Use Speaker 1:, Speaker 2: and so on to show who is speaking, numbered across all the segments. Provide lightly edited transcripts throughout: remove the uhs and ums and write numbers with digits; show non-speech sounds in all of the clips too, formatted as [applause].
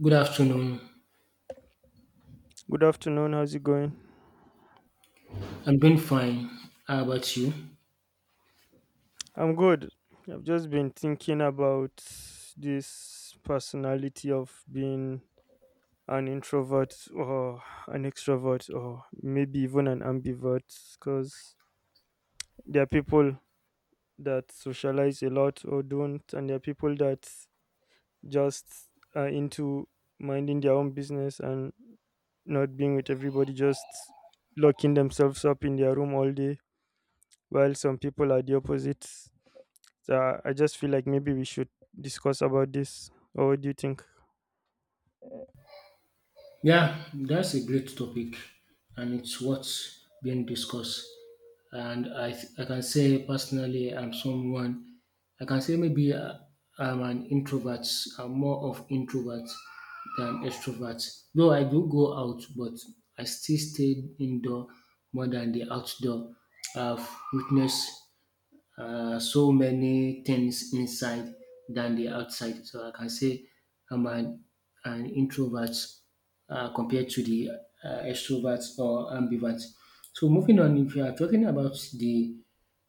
Speaker 1: Good afternoon.
Speaker 2: Good afternoon. How's it going?
Speaker 1: I'm doing fine. How about you?
Speaker 2: I'm good. I've just been thinking about this personality of being an introvert or an extrovert or maybe even an ambivert because there are people that socialize a lot or don't, and there are people that just are into minding their own business and not being with everybody, just locking themselves up in their room all day, while some people are the opposite. So I just feel like maybe we should discuss about this. Or what do you think?
Speaker 1: Yeah, that's a great topic, and it's what's being discussed. I can say personally, I'm someone. I can say maybe I'm an introvert. I'm more of introvert than extrovert. Though I do go out, but I still stay indoor more than the outdoor. I've witnessed so many things inside than the outside. So I can say I'm an, an introvert compared to the extrovert or ambivert. So moving on, if you are talking about the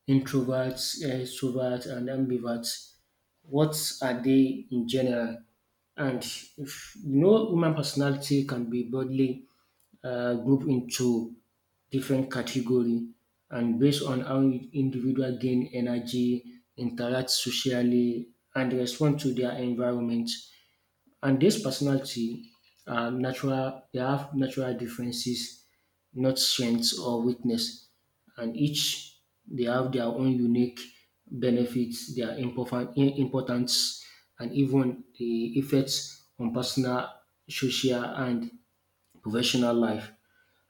Speaker 1: introverts, extroverts, and ambiverts, what are they in general? And if you know, human personality can be broadly group into different category and based on how individual gain energy, interact socially, and respond to their environment. And this personality are natural, they have natural differences, not strengths or weakness. And each they have their own unique benefits, their important importance, and even the effects on personal, social, and professional life.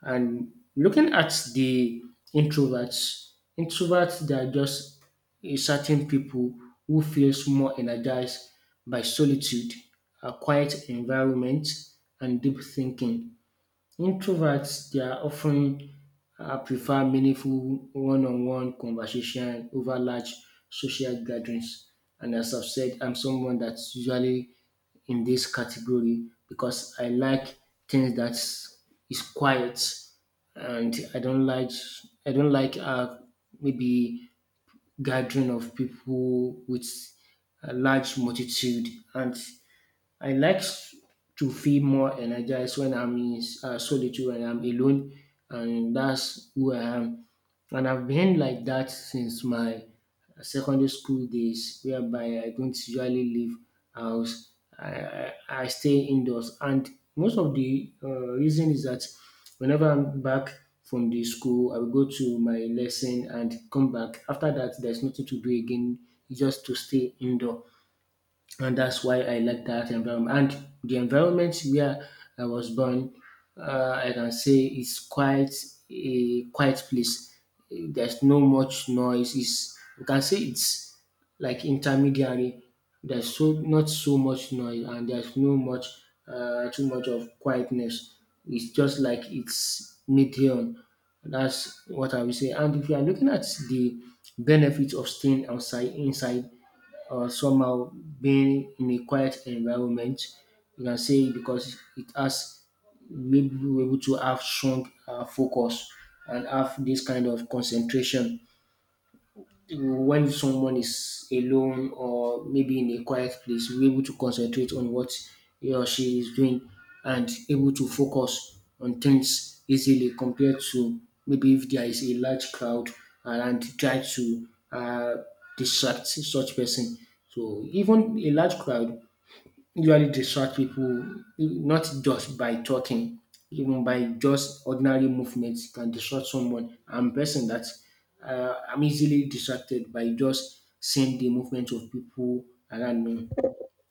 Speaker 1: And looking at the introverts, introverts they are just a certain people who feels more energized by solitude, a quiet environment, and deep thinking. Introverts, they are often prefer meaningful one-on-one conversation over large social gatherings. And as I've said, I'm someone that's usually in this category because I like things that is quiet, and I don't like maybe gathering of people with a large multitude and I like s- to feel more energized when I'm in solitude when I'm alone, and that's who I am. And I've been like that since my secondary school days, whereby I don't usually leave house. I, I, I stay indoors, and most of the reason is that whenever I'm back from the school, I will go to my lesson and come back. After that, there's nothing to do again, just to stay indoor and that's why I like that environment. And the environment where I was born, I can say it's quite a quiet place. There's no much noise. It's you can say it's like intermediary. There's so not so much noise, and there's no much too much of quietness. It's just like it's medium. That's what I will say. And if you are looking at the benefits of staying outside, inside, or somehow being in a quiet environment. You can say because it has made people able to have strong focus and have this kind of concentration when someone is alone or maybe in a quiet place, be able to concentrate on what he or she is doing and able to focus on things easily compared to maybe if there is a large crowd and try to distract such person. So even a large crowd usually distract people not just by talking, even by just ordinary movements can distract someone. I'm a person that I'm easily distracted by just seeing the movement of people around me.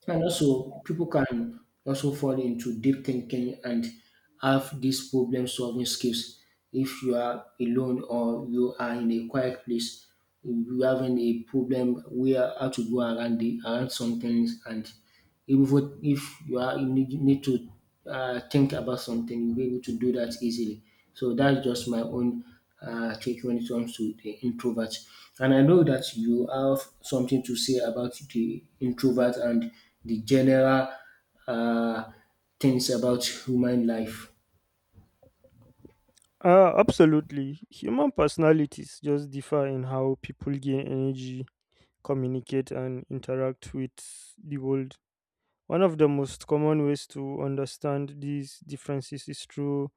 Speaker 1: And also, people can also fall into deep thinking and have these problem solving skills. If you are alone or you are in a quiet place, you having a problem where how to go around the around some things and even if you are you need to think about something, you'll be able to do that easily. So that's just my own take when it comes to the introvert. And I know that you have something to say about the introvert and the general uh, things about human life.
Speaker 2: Absolutely. Human personalities just differ in how people gain energy, communicate, and interact with the world. One of the most common ways to understand these differences is through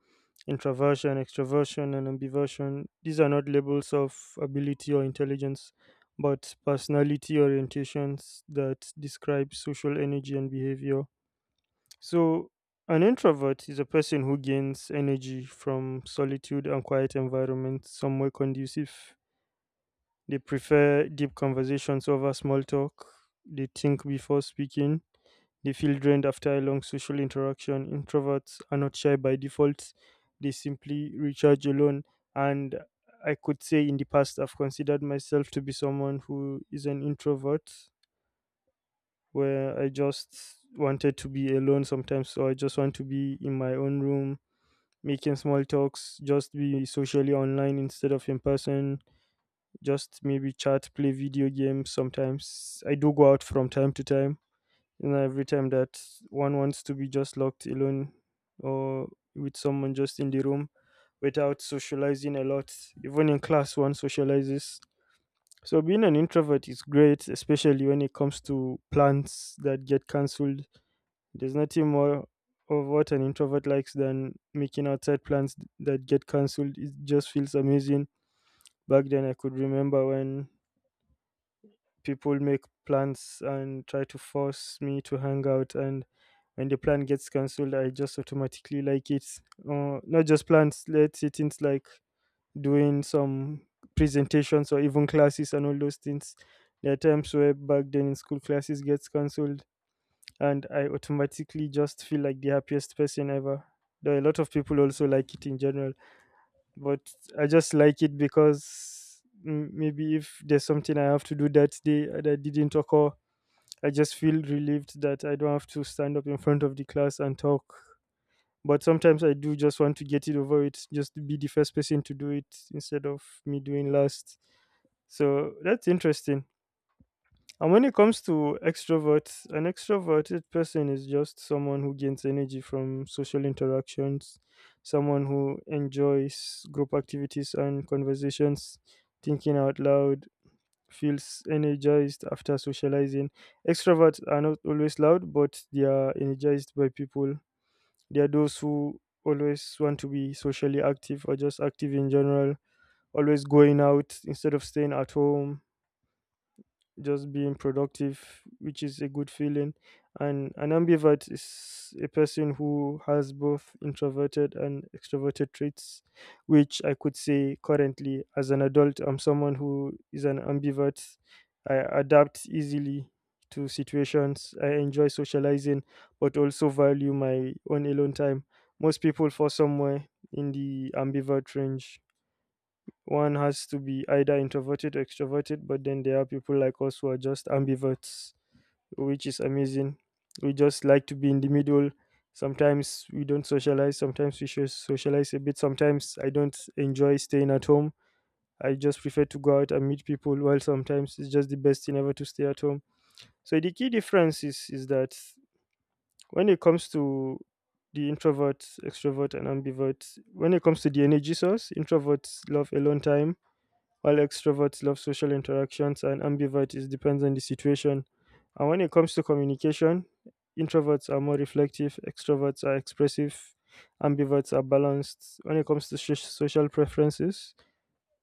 Speaker 2: introversion, extroversion, and ambiversion. These are not labels of ability or intelligence, but personality orientations that describe social energy and behavior. So, an introvert is a person who gains energy from solitude and quiet environments somewhere conducive. They prefer deep conversations over small talk. They think before speaking. They feel drained after a long social interaction. Introverts are not shy by default. They simply recharge alone. And I could say in the past, I've considered myself to be someone who is an introvert where I just wanted to be alone sometimes. So I just want to be in my own room, making small talks, just be socially online instead of in person, just maybe chat, play video games sometimes. I do go out from time to time. You know, every time that one wants to be just locked alone or with someone just in the room without socializing a lot. Even in class, one socializes. So being an introvert is great, especially when it comes to plans that get cancelled, there's nothing more of what an introvert likes than making outside plans that get cancelled. It just feels amazing. Back then, I could remember when people make plans and try to force me to hang out, and when the plan gets cancelled, I just automatically like it. Not just plans, let's say things like doing some presentations or even classes and all those things. There are times where back then in school classes gets cancelled and I automatically just feel like the happiest person ever. Though a lot of people also like it in general, but I just like it because maybe if there's something I have to do that day that didn't occur, I just feel relieved that I don't have to stand up in front of the class and talk. But sometimes I do just want to get it over it, just be the first person to do it instead of me doing last. So that's interesting. And when it comes to extroverts, an extroverted person is just someone who gains energy from social interactions, someone who enjoys group activities and conversations, thinking out loud, feels energized after socializing. Extroverts are not always loud, but they are energized by people. They are those who always want to be socially active or just active in general, always going out instead of staying at home, just being productive, which is a good feeling. And an ambivert is a person who has both introverted and extroverted traits, which I could say currently as an adult, I'm someone who is an ambivert. I adapt easily to situations. I enjoy socializing, but also value my own alone time. Most people fall somewhere in the ambivert range. One has to be either introverted or extroverted, but then there are people like us who are just ambiverts, which is amazing. We just like to be in the middle. Sometimes we don't socialize, sometimes we should socialize a bit. Sometimes I don't enjoy staying at home. I just prefer to go out and meet people, while sometimes it's just the best thing ever to stay at home. So the key difference is that when it comes to the introvert, extrovert, and ambivert, when it comes to the energy source, introverts love alone time while extroverts love social interactions, and ambivert is depends on the situation. And when it comes to communication, introverts are more reflective, extroverts are expressive, ambiverts are balanced. When it comes to social preferences,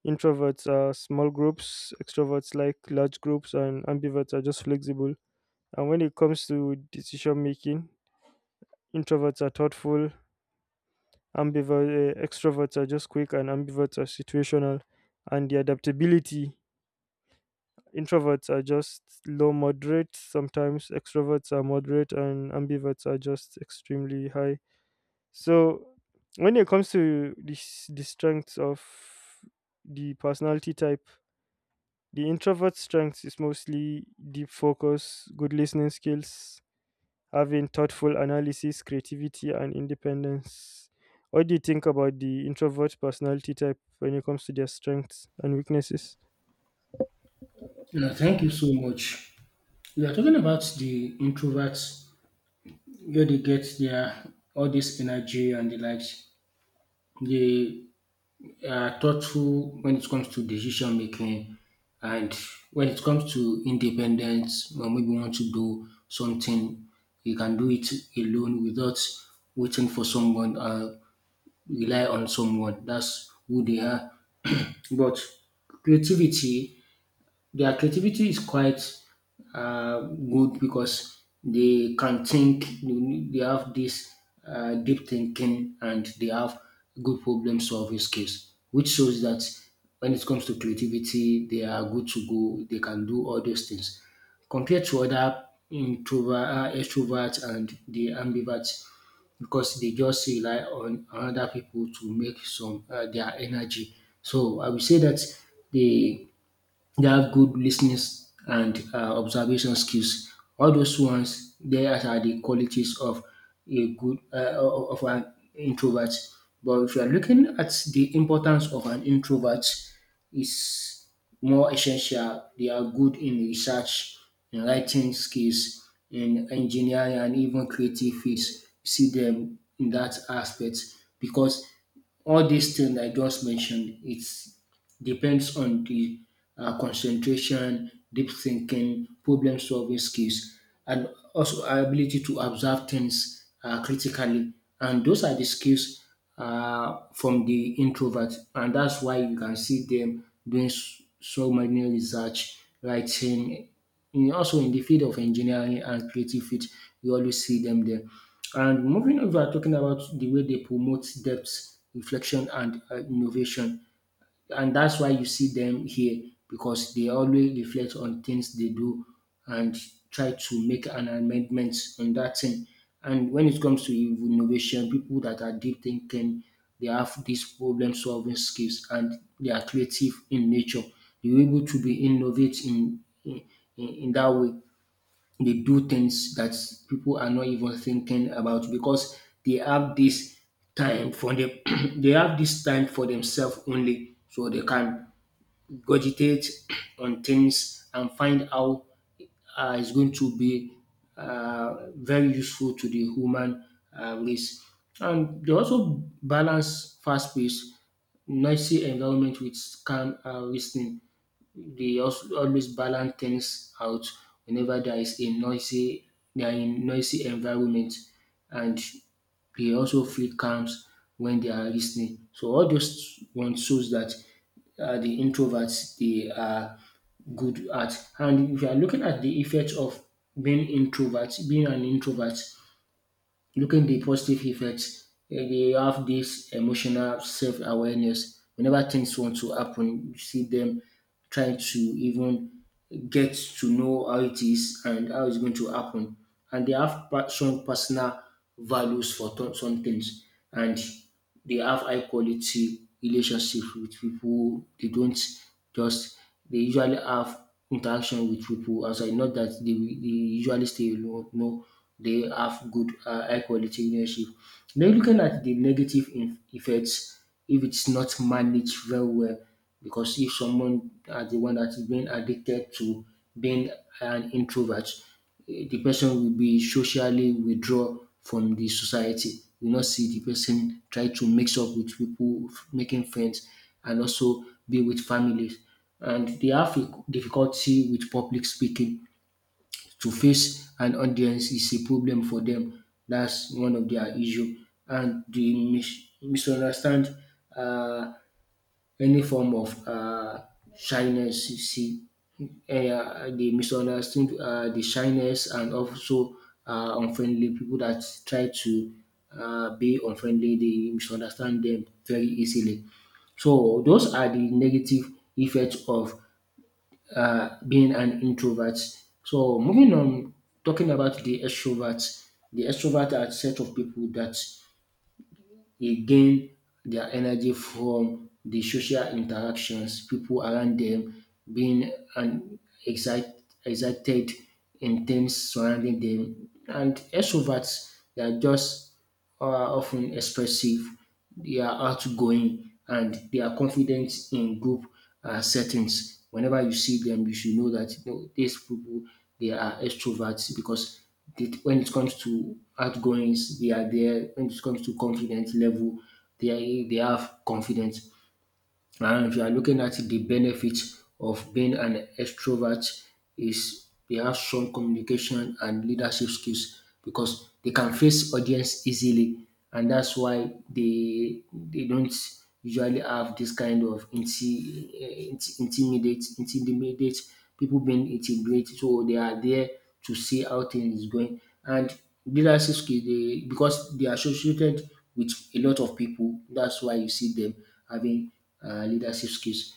Speaker 2: introverts are small groups, extroverts like large groups, and ambiverts are just flexible. And when it comes to decision making, introverts are thoughtful, extroverts are just quick, and ambiverts are situational. And the adaptability: introverts are just low moderate sometimes, extroverts are moderate, and ambiverts are just extremely high. So, when it comes to the strengths of the personality type, the introvert strengths is mostly deep focus, good listening skills, having thoughtful analysis, creativity, and independence. What do you think about the introvert personality type when it comes to their strengths and weaknesses?
Speaker 1: Yeah, thank you so much. We are talking about the introverts, where they get their all this energy and the likes. They thoughtful when it comes to decision making and when it comes to independence when maybe you want to do something you can do it alone without waiting for someone or rely on someone that's who they are [clears throat] but creativity their creativity is quite good because they can think, they have this deep thinking, and they have good problem solving skills, which shows that when it comes to creativity, they are good to go. They can do all those things. Compared to other extroverts, and the ambiverts, because they just rely on other people to make some their energy. So I would say that the they have good listening and observation skills. All those ones, they are the qualities of a good of an introvert. But if you are looking at the importance of an introvert, is more essential. They are good in research, in writing skills, in engineering, and even creative fields. See them in that aspect because all these things I just mentioned, it's depends on the concentration, deep thinking, problem solving skills, and also our ability to observe things critically. And those are the skills from the introvert. And that's why you can see them doing so many research, writing, in, also in the field of engineering and creative field, you always see them there. And moving over, talking about the way they promote depth, reflection, and innovation and that's why you see them here because they always reflect on things they do and try to make an amendment on that thing. And when it comes to innovation, people that are deep thinking, they have these problem solving skills and they are creative in nature. They're able to be innovate in that way. They do things that people are not even thinking about because they have this time for them. [clears throat] They have this time for themselves only, so they can cogitate [clears throat] on things and find how is going to be very useful to the human race. And they also balance fast pace, noisy environment with calm listening they also always balance things out whenever there is a noisy they are in noisy environment and they also feel calms when they are listening. So all those one shows that the introverts they are good at. And if you are looking at the effect of being an introvert, looking the positive effects, eh, they have this emotional self awareness. Whenever things want to happen, you see them trying to even get to know how it is and how it's going to happen. And they have some personal values for some things. And they have high quality relationship with people. They don't just they usually have interaction with people outside. Not that they usually stay alone. No, they have good high quality relationship. Now looking at the negative effects if it's not managed very well, because if someone are the one that is being addicted to being an introvert, eh, the person will be socially withdraw from the society. You not see the person try to mix up with people, making friends, and also be with families. And they have a difficulty with public speaking. To face an audience is a problem for them. That's one of their issue. And they misunderstand uh, any form of shyness you see dey misunderstood de shyness and also unfriendly people that try to be unfriendly they misunderstand them very easily. So those are the negative effects of being an introvert. So moving on talking about the extroverts, the extrovert are a set of people that. They gain their energy from the social interactions, people around them being an excite, excited, intense surrounding them. And extroverts, they are just often expressive, they are outgoing, and they are confident in group settings. Whenever you see them, you should know that you know, these people they are extroverts because they, when it comes to outgoings, they are there. When it comes to confidence level, they have confidence. And if you are looking at the benefits of being an extrovert is they have strong communication and leadership skills because they can face audience easily and that's why they don't usually have this kind of intimidate people being intimidated so they are there to see how things is going and leadership skills they because they are associated with a lot of people that's why you see them having leadership skills.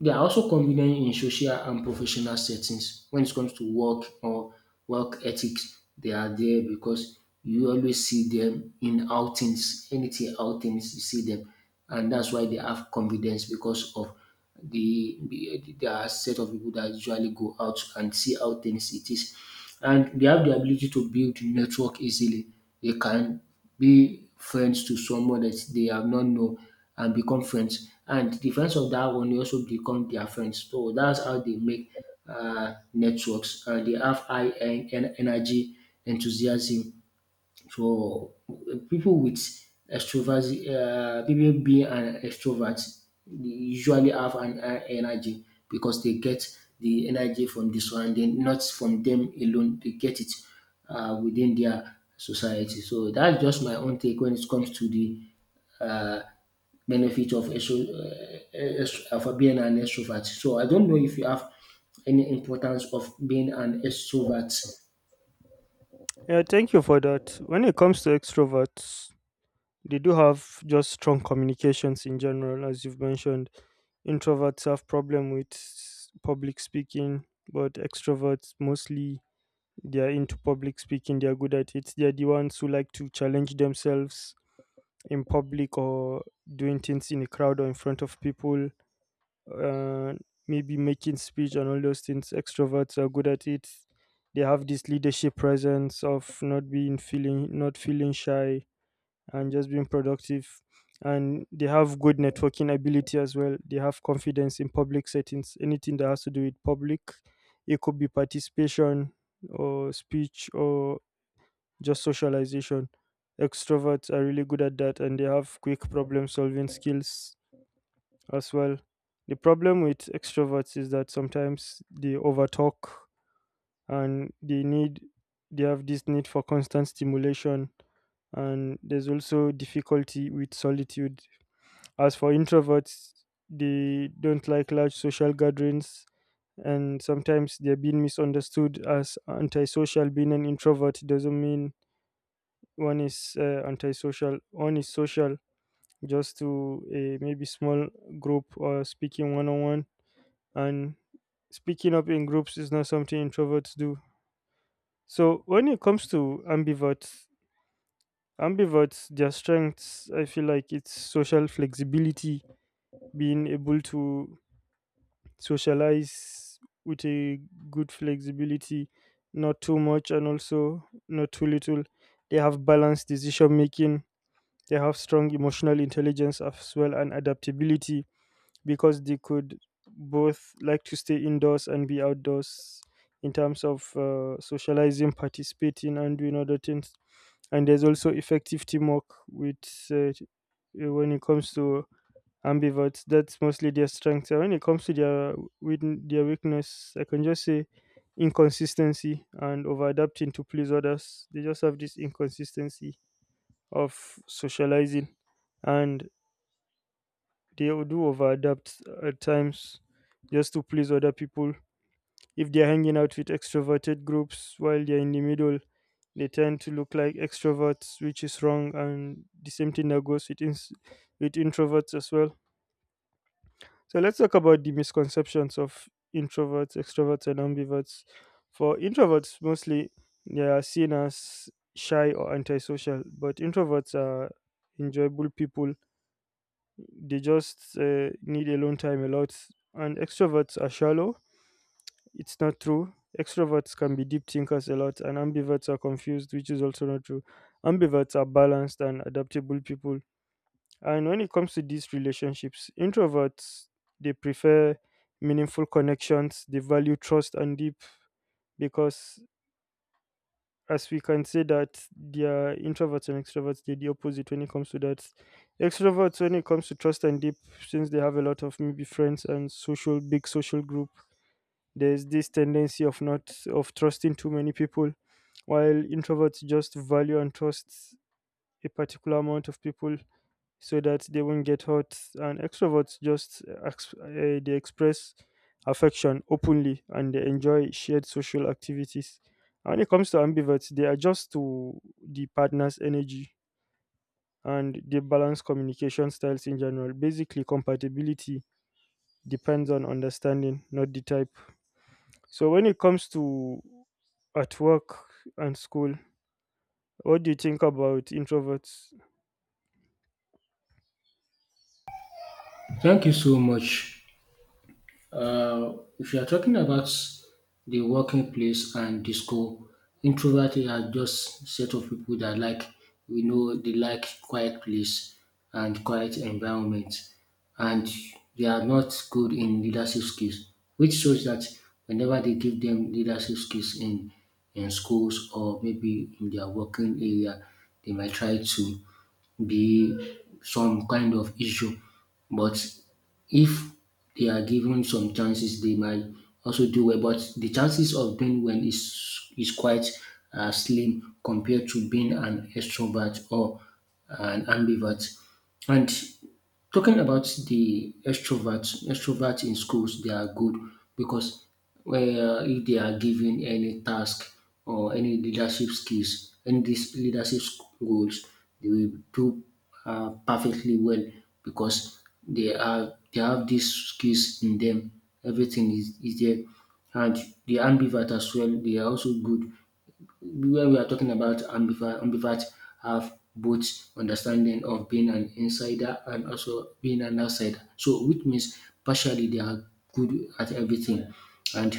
Speaker 1: They are also convenient in social and professional settings. When it comes to work or work ethics, they are there because you always see them in outings, anything outings, you see them. And that's why they have confidence because of the there are set of people that usually go out and see how things it is. And they have the ability to build network easily. They can be friends to someone that they have not known and become friends. And the friends of that one will also become their friends. So that's how they make networks. They have high energy, enthusiasm, so people with extrovert, people being an extrovert, they usually have an energy because they get the energy from the surrounding, not from them alone. They get it within their society. So that's just my own take when it comes to the benefit of of being an extrovert. So I don't know if you have any importance of being an extrovert.
Speaker 2: Yeah, thank you for that. When it comes to extroverts, they do have just strong communications in general, as you've mentioned. Introverts have problem with public speaking, but extroverts mostly they are into public speaking. They are good at it. They are the ones who like to challenge themselves in public or doing things in a crowd or in front of people. uh, Maybe making speech and all those things. Extroverts are good at it. They have this leadership presence of not feeling shy and just being productive. And they have good networking ability as well. They have confidence in public settings. Anything that has to do with public, it could be participation or speech or just socialization. Extroverts are really good at that and they have quick problem solving skills as well. The problem with extroverts is that sometimes they overtalk and they have this need for constant stimulation, and there's also difficulty with solitude. As for introverts, they don't like large social gatherings and sometimes they're being misunderstood as antisocial. Being an introvert doesn't mean one is antisocial, one is social just to a maybe small group or speaking one on one, and speaking up in groups is not something introverts do. So when it comes to ambiverts, their strengths, I feel like it's social flexibility, being able to socialize with a good flexibility, not too much and also not too little. They have balanced decision making. They have strong emotional intelligence as well and adaptability, because they could both like to stay indoors and be outdoors in terms of socializing, participating, and doing other things. And there's also effective teamwork with uh, when it comes to ambiverts. That's mostly their strength. And when it comes to their their weakness, I can just say inconsistency and over adapting to please others. They just have this inconsistency of socializing, and they will do overadapt at times just to please other people. If they're hanging out with extroverted groups while they're in the middle, they tend to look like extroverts, which is wrong, and the same thing that goes with introverts as well. So let's talk about the misconceptions of introverts, extroverts, and ambiverts. For introverts, mostly they are seen as shy or antisocial, but introverts are enjoyable people, they just need alone time a lot. And extroverts are shallow. It's not true. Extroverts can be deep thinkers a lot, and ambiverts are confused, which is also not true. Ambiverts are balanced and adaptable people. And when it comes to these relationships, introverts they prefer meaningful connections. They value trust and deep, because as we can say that they are introverts and extroverts, they're the opposite when it comes to that. Extroverts, when it comes to trust and deep, since they have a lot of maybe friends and social, big social group, there's this tendency of not, of trusting too many people, while introverts just value and trust a particular amount of people so that they won't get hurt. And extroverts just they express affection openly and they enjoy shared social activities. And when it comes to ambiverts, they adjust to the partner's energy and they balance communication styles in general. Basically, compatibility depends on understanding, not the type. So when it comes to at work and school, what do you think about introverts?
Speaker 1: Thank you so much. Uh, if you are talking about the working place and disco, introvert are just set of people that like, we know, they like quiet place and quiet environment, and they are not good in leadership skills, which shows that whenever they give them leadership skills in schools or maybe in their working area, they might try to be some kind of issue. But if they are given some chances, they might also do well. But the chances of being well is quite slim compared to being an extrovert or an ambivert. And talking about the extroverts, extroverts in schools, they are good because, well, if they are given any task or any leadership skills, any these leadership roles, they will do perfectly well because they have these skills in them. Everything is there, and the ambivert as well. They are also good. Where we are talking about ambivert, ambivert have both understanding of being an insider and also being an outsider. So, which means partially they are good at everything, and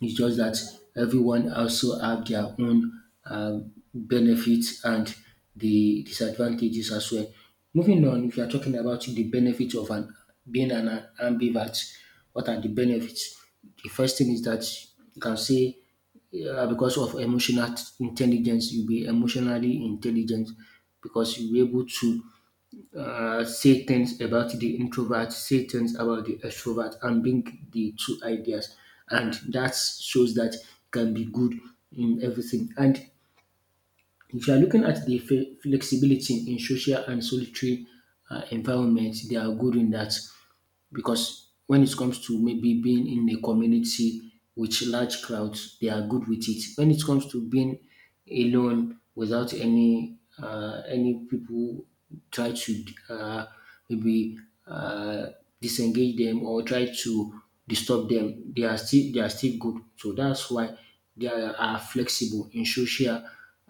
Speaker 1: it's just that everyone also have their own benefits and the disadvantages as well. Moving on, if you are talking about the benefits of an being an ambivert, what are the benefits? The first thing is that you can say, yeah, because of emotional intelligence, you'll be emotionally intelligent because you'll be able to say things about the introvert, say things about the extrovert, and bring the two ideas. And that shows that you can be good in everything. And if you are looking at the flexibility in social and solitary environments, they are good in that because when it comes to maybe being in a community with large crowds, they are good with it. When it comes to being alone without any people try to maybe uh, disengage them or try to disturb them, they are still good. So that's why they are flexible in social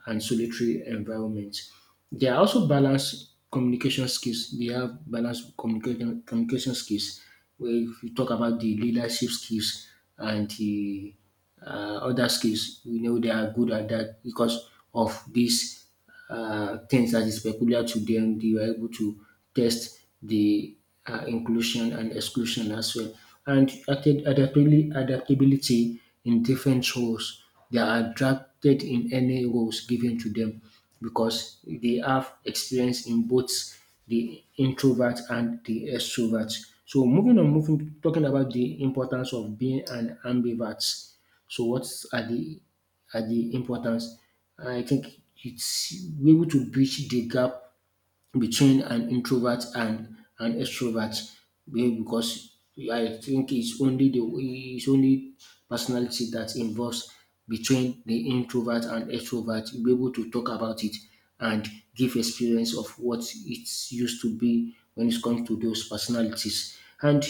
Speaker 1: and solitary environments. They are also balanced communication skills. They have balanced communication skills. Where if you talk about the leadership skills and the other skills, we know they are good at that because of this things that is peculiar to them. They were able to test the inclusion and exclusion as well. And adaptability in different roles. They are adapted in any roles given to them because they have experience in both the introvert and the extrovert. So moving on, moving talking about the importance of being an ambivert. So what are the, at the importance. I think it's we able to bridge the gap between an introvert and an extrovert because I think it's only the, it's only personality that involves between the introvert and extrovert. You'll be able to talk about it and give experience of what it's used to be when it comes to those personalities. And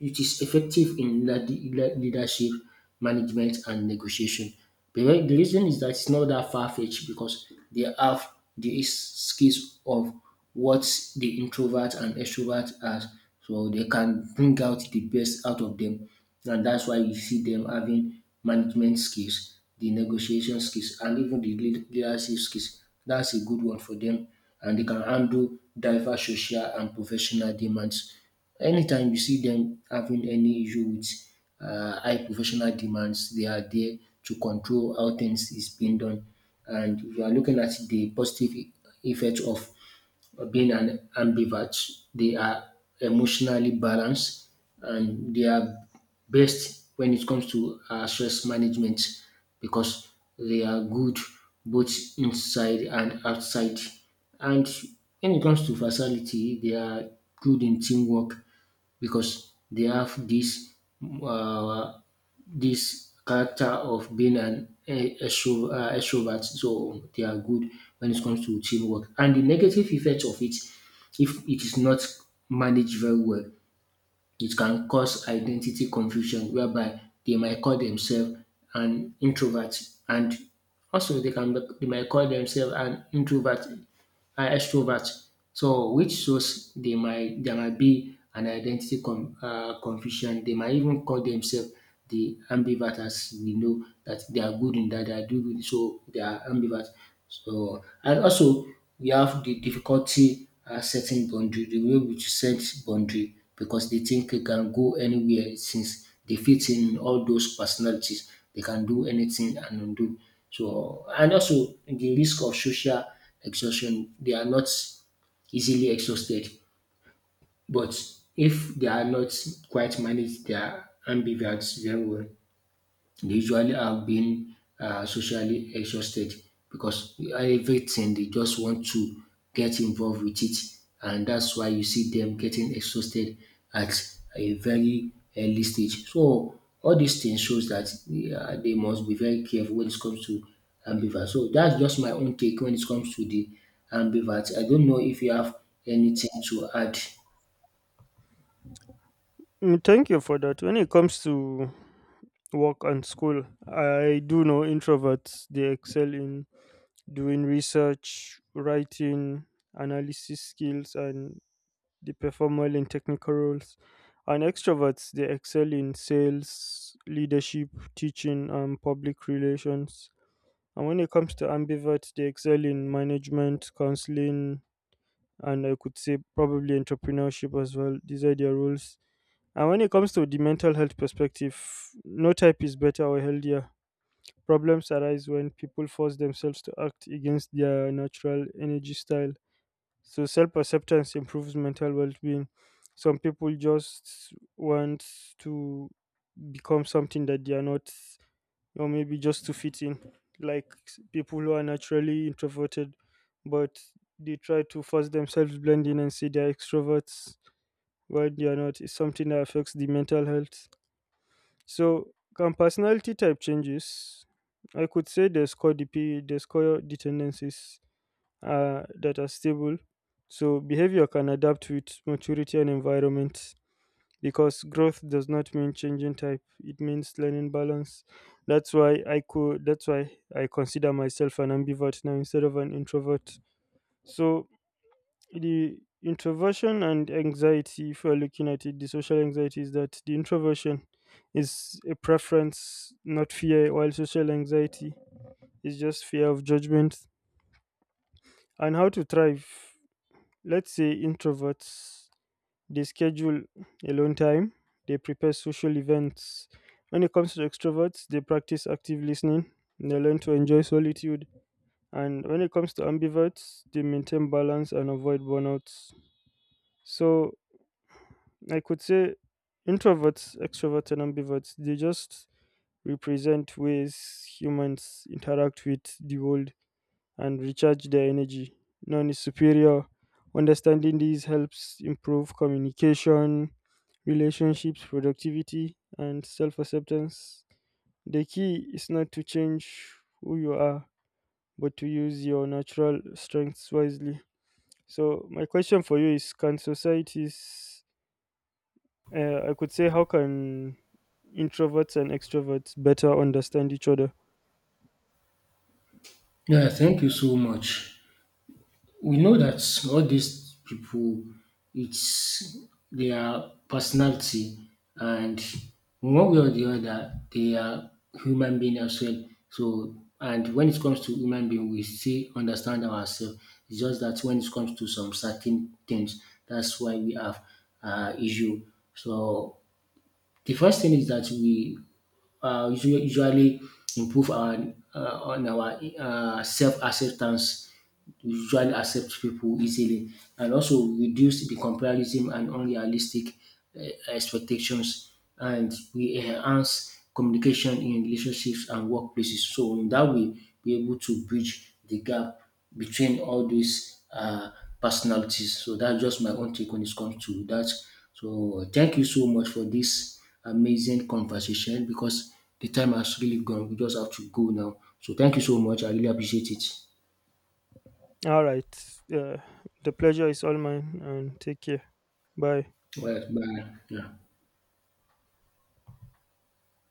Speaker 1: it is effective in leadership management and negotiation. The reason is that it's not that far fetched because they have the skills of what the introvert and extrovert are. So they can bring out the best out of them. And that's why you see them having management skills, the negotiation skills, and even the leadership skills. That's a good one for them. And they can handle diverse social and professional demands. Anytime you see them having any issue with high professional demands, they are there to control how things is being done. And we are looking at the positive effect of being an ambivert, they are emotionally balanced and they are best when it comes to stress management because they are good both inside and outside. And when it comes to versatility, they are good in teamwork because they have uh, this character of being an extrovert. So they are good when it comes to teamwork. And the negative effect of it, if it is not managed very well, it can cause identity confusion whereby they might call themselves an introvert, and also they might call themselves an introvert are extroverts. So which shows they might there might be an identity confusion. They might even call themselves the ambivert, as we know that they are good in that, they are doing good, so they are ambivert. So and also we have the difficulty setting boundary, the way which set boundary because they think they can go anywhere since they fit in all those personalities. They can do anything and undo. So and also the risk of social exhaustion. They are not easily exhausted, but if they are not quite managed, they are ambivalent very well, they usually have been socially exhausted because everything they just want to get involved with it, and that's why you see them getting exhausted at a very early stage. So all these things shows that they must be very careful when it comes to ambivert. So that's just my own take when it comes to the ambivert. I don't know if you have anything to add.
Speaker 2: Mm, thank you for that. When it comes to work and school, I do know introverts, they excel in doing research, writing, analysis skills, and they perform well in technical roles. And extroverts, they excel in sales, leadership, teaching, and public relations. And when it comes to ambiverts, they excel in management, counseling, and I could say probably entrepreneurship as well. These are their roles. And when it comes to the mental health perspective, no type is better or healthier. Problems arise when people force themselves to act against their natural energy style. So self acceptance improves mental well being. Some people just want to become something that they are not, or maybe just to fit in, like people who are naturally introverted, but they try to force themselves blend in and say they are extroverts while they are not. It's something that affects the mental health. So, can personality type changes? I could say there's core dependencies that are stable. So, behavior can adapt with maturity and environment, because growth does not mean changing type. It means learning balance. That's why I could. That's why I consider myself an ambivert now instead of an introvert. So, the introversion and anxiety, if we're looking at it, the social anxiety is that the introversion is a preference, not fear, while social anxiety is just fear of judgment. And how to thrive: let's say introverts, they schedule alone time, they prepare social events. When it comes to extroverts, they practice active listening, they learn to enjoy solitude. And when it comes to ambiverts, they maintain balance and avoid burnouts. So I could say introverts, extroverts, and ambiverts, they just represent ways humans interact with the world and recharge their energy. None is superior. Understanding these helps improve communication, relationships, productivity, and self acceptance. The key is not to change who you are, but to use your natural strengths wisely. So, my question for you is: Can societies I could say, how can introverts and extroverts better understand each other?
Speaker 1: Yeah, thank you so much. We know that all these people, it's their personality, and one way or the other, they are human being as well. So, and when it comes to human being, we still understand ourselves. It's just that when it comes to some certain things, that's why we have issue. So the first thing is that we usually improve our on our self acceptance. We usually accept people easily, and also reduce the comparison and unrealistic expectations. And we enhance communication in relationships and workplaces. So, in that way, we're able to bridge the gap between all these personalities. So, that's just my own take when it comes to that. So, thank you so much for this amazing conversation, because the time has really gone. We just have to go now. So thank you so much. I really appreciate it.
Speaker 2: All right. The pleasure is all mine, and take care. Bye.
Speaker 1: Well, bye. Yeah.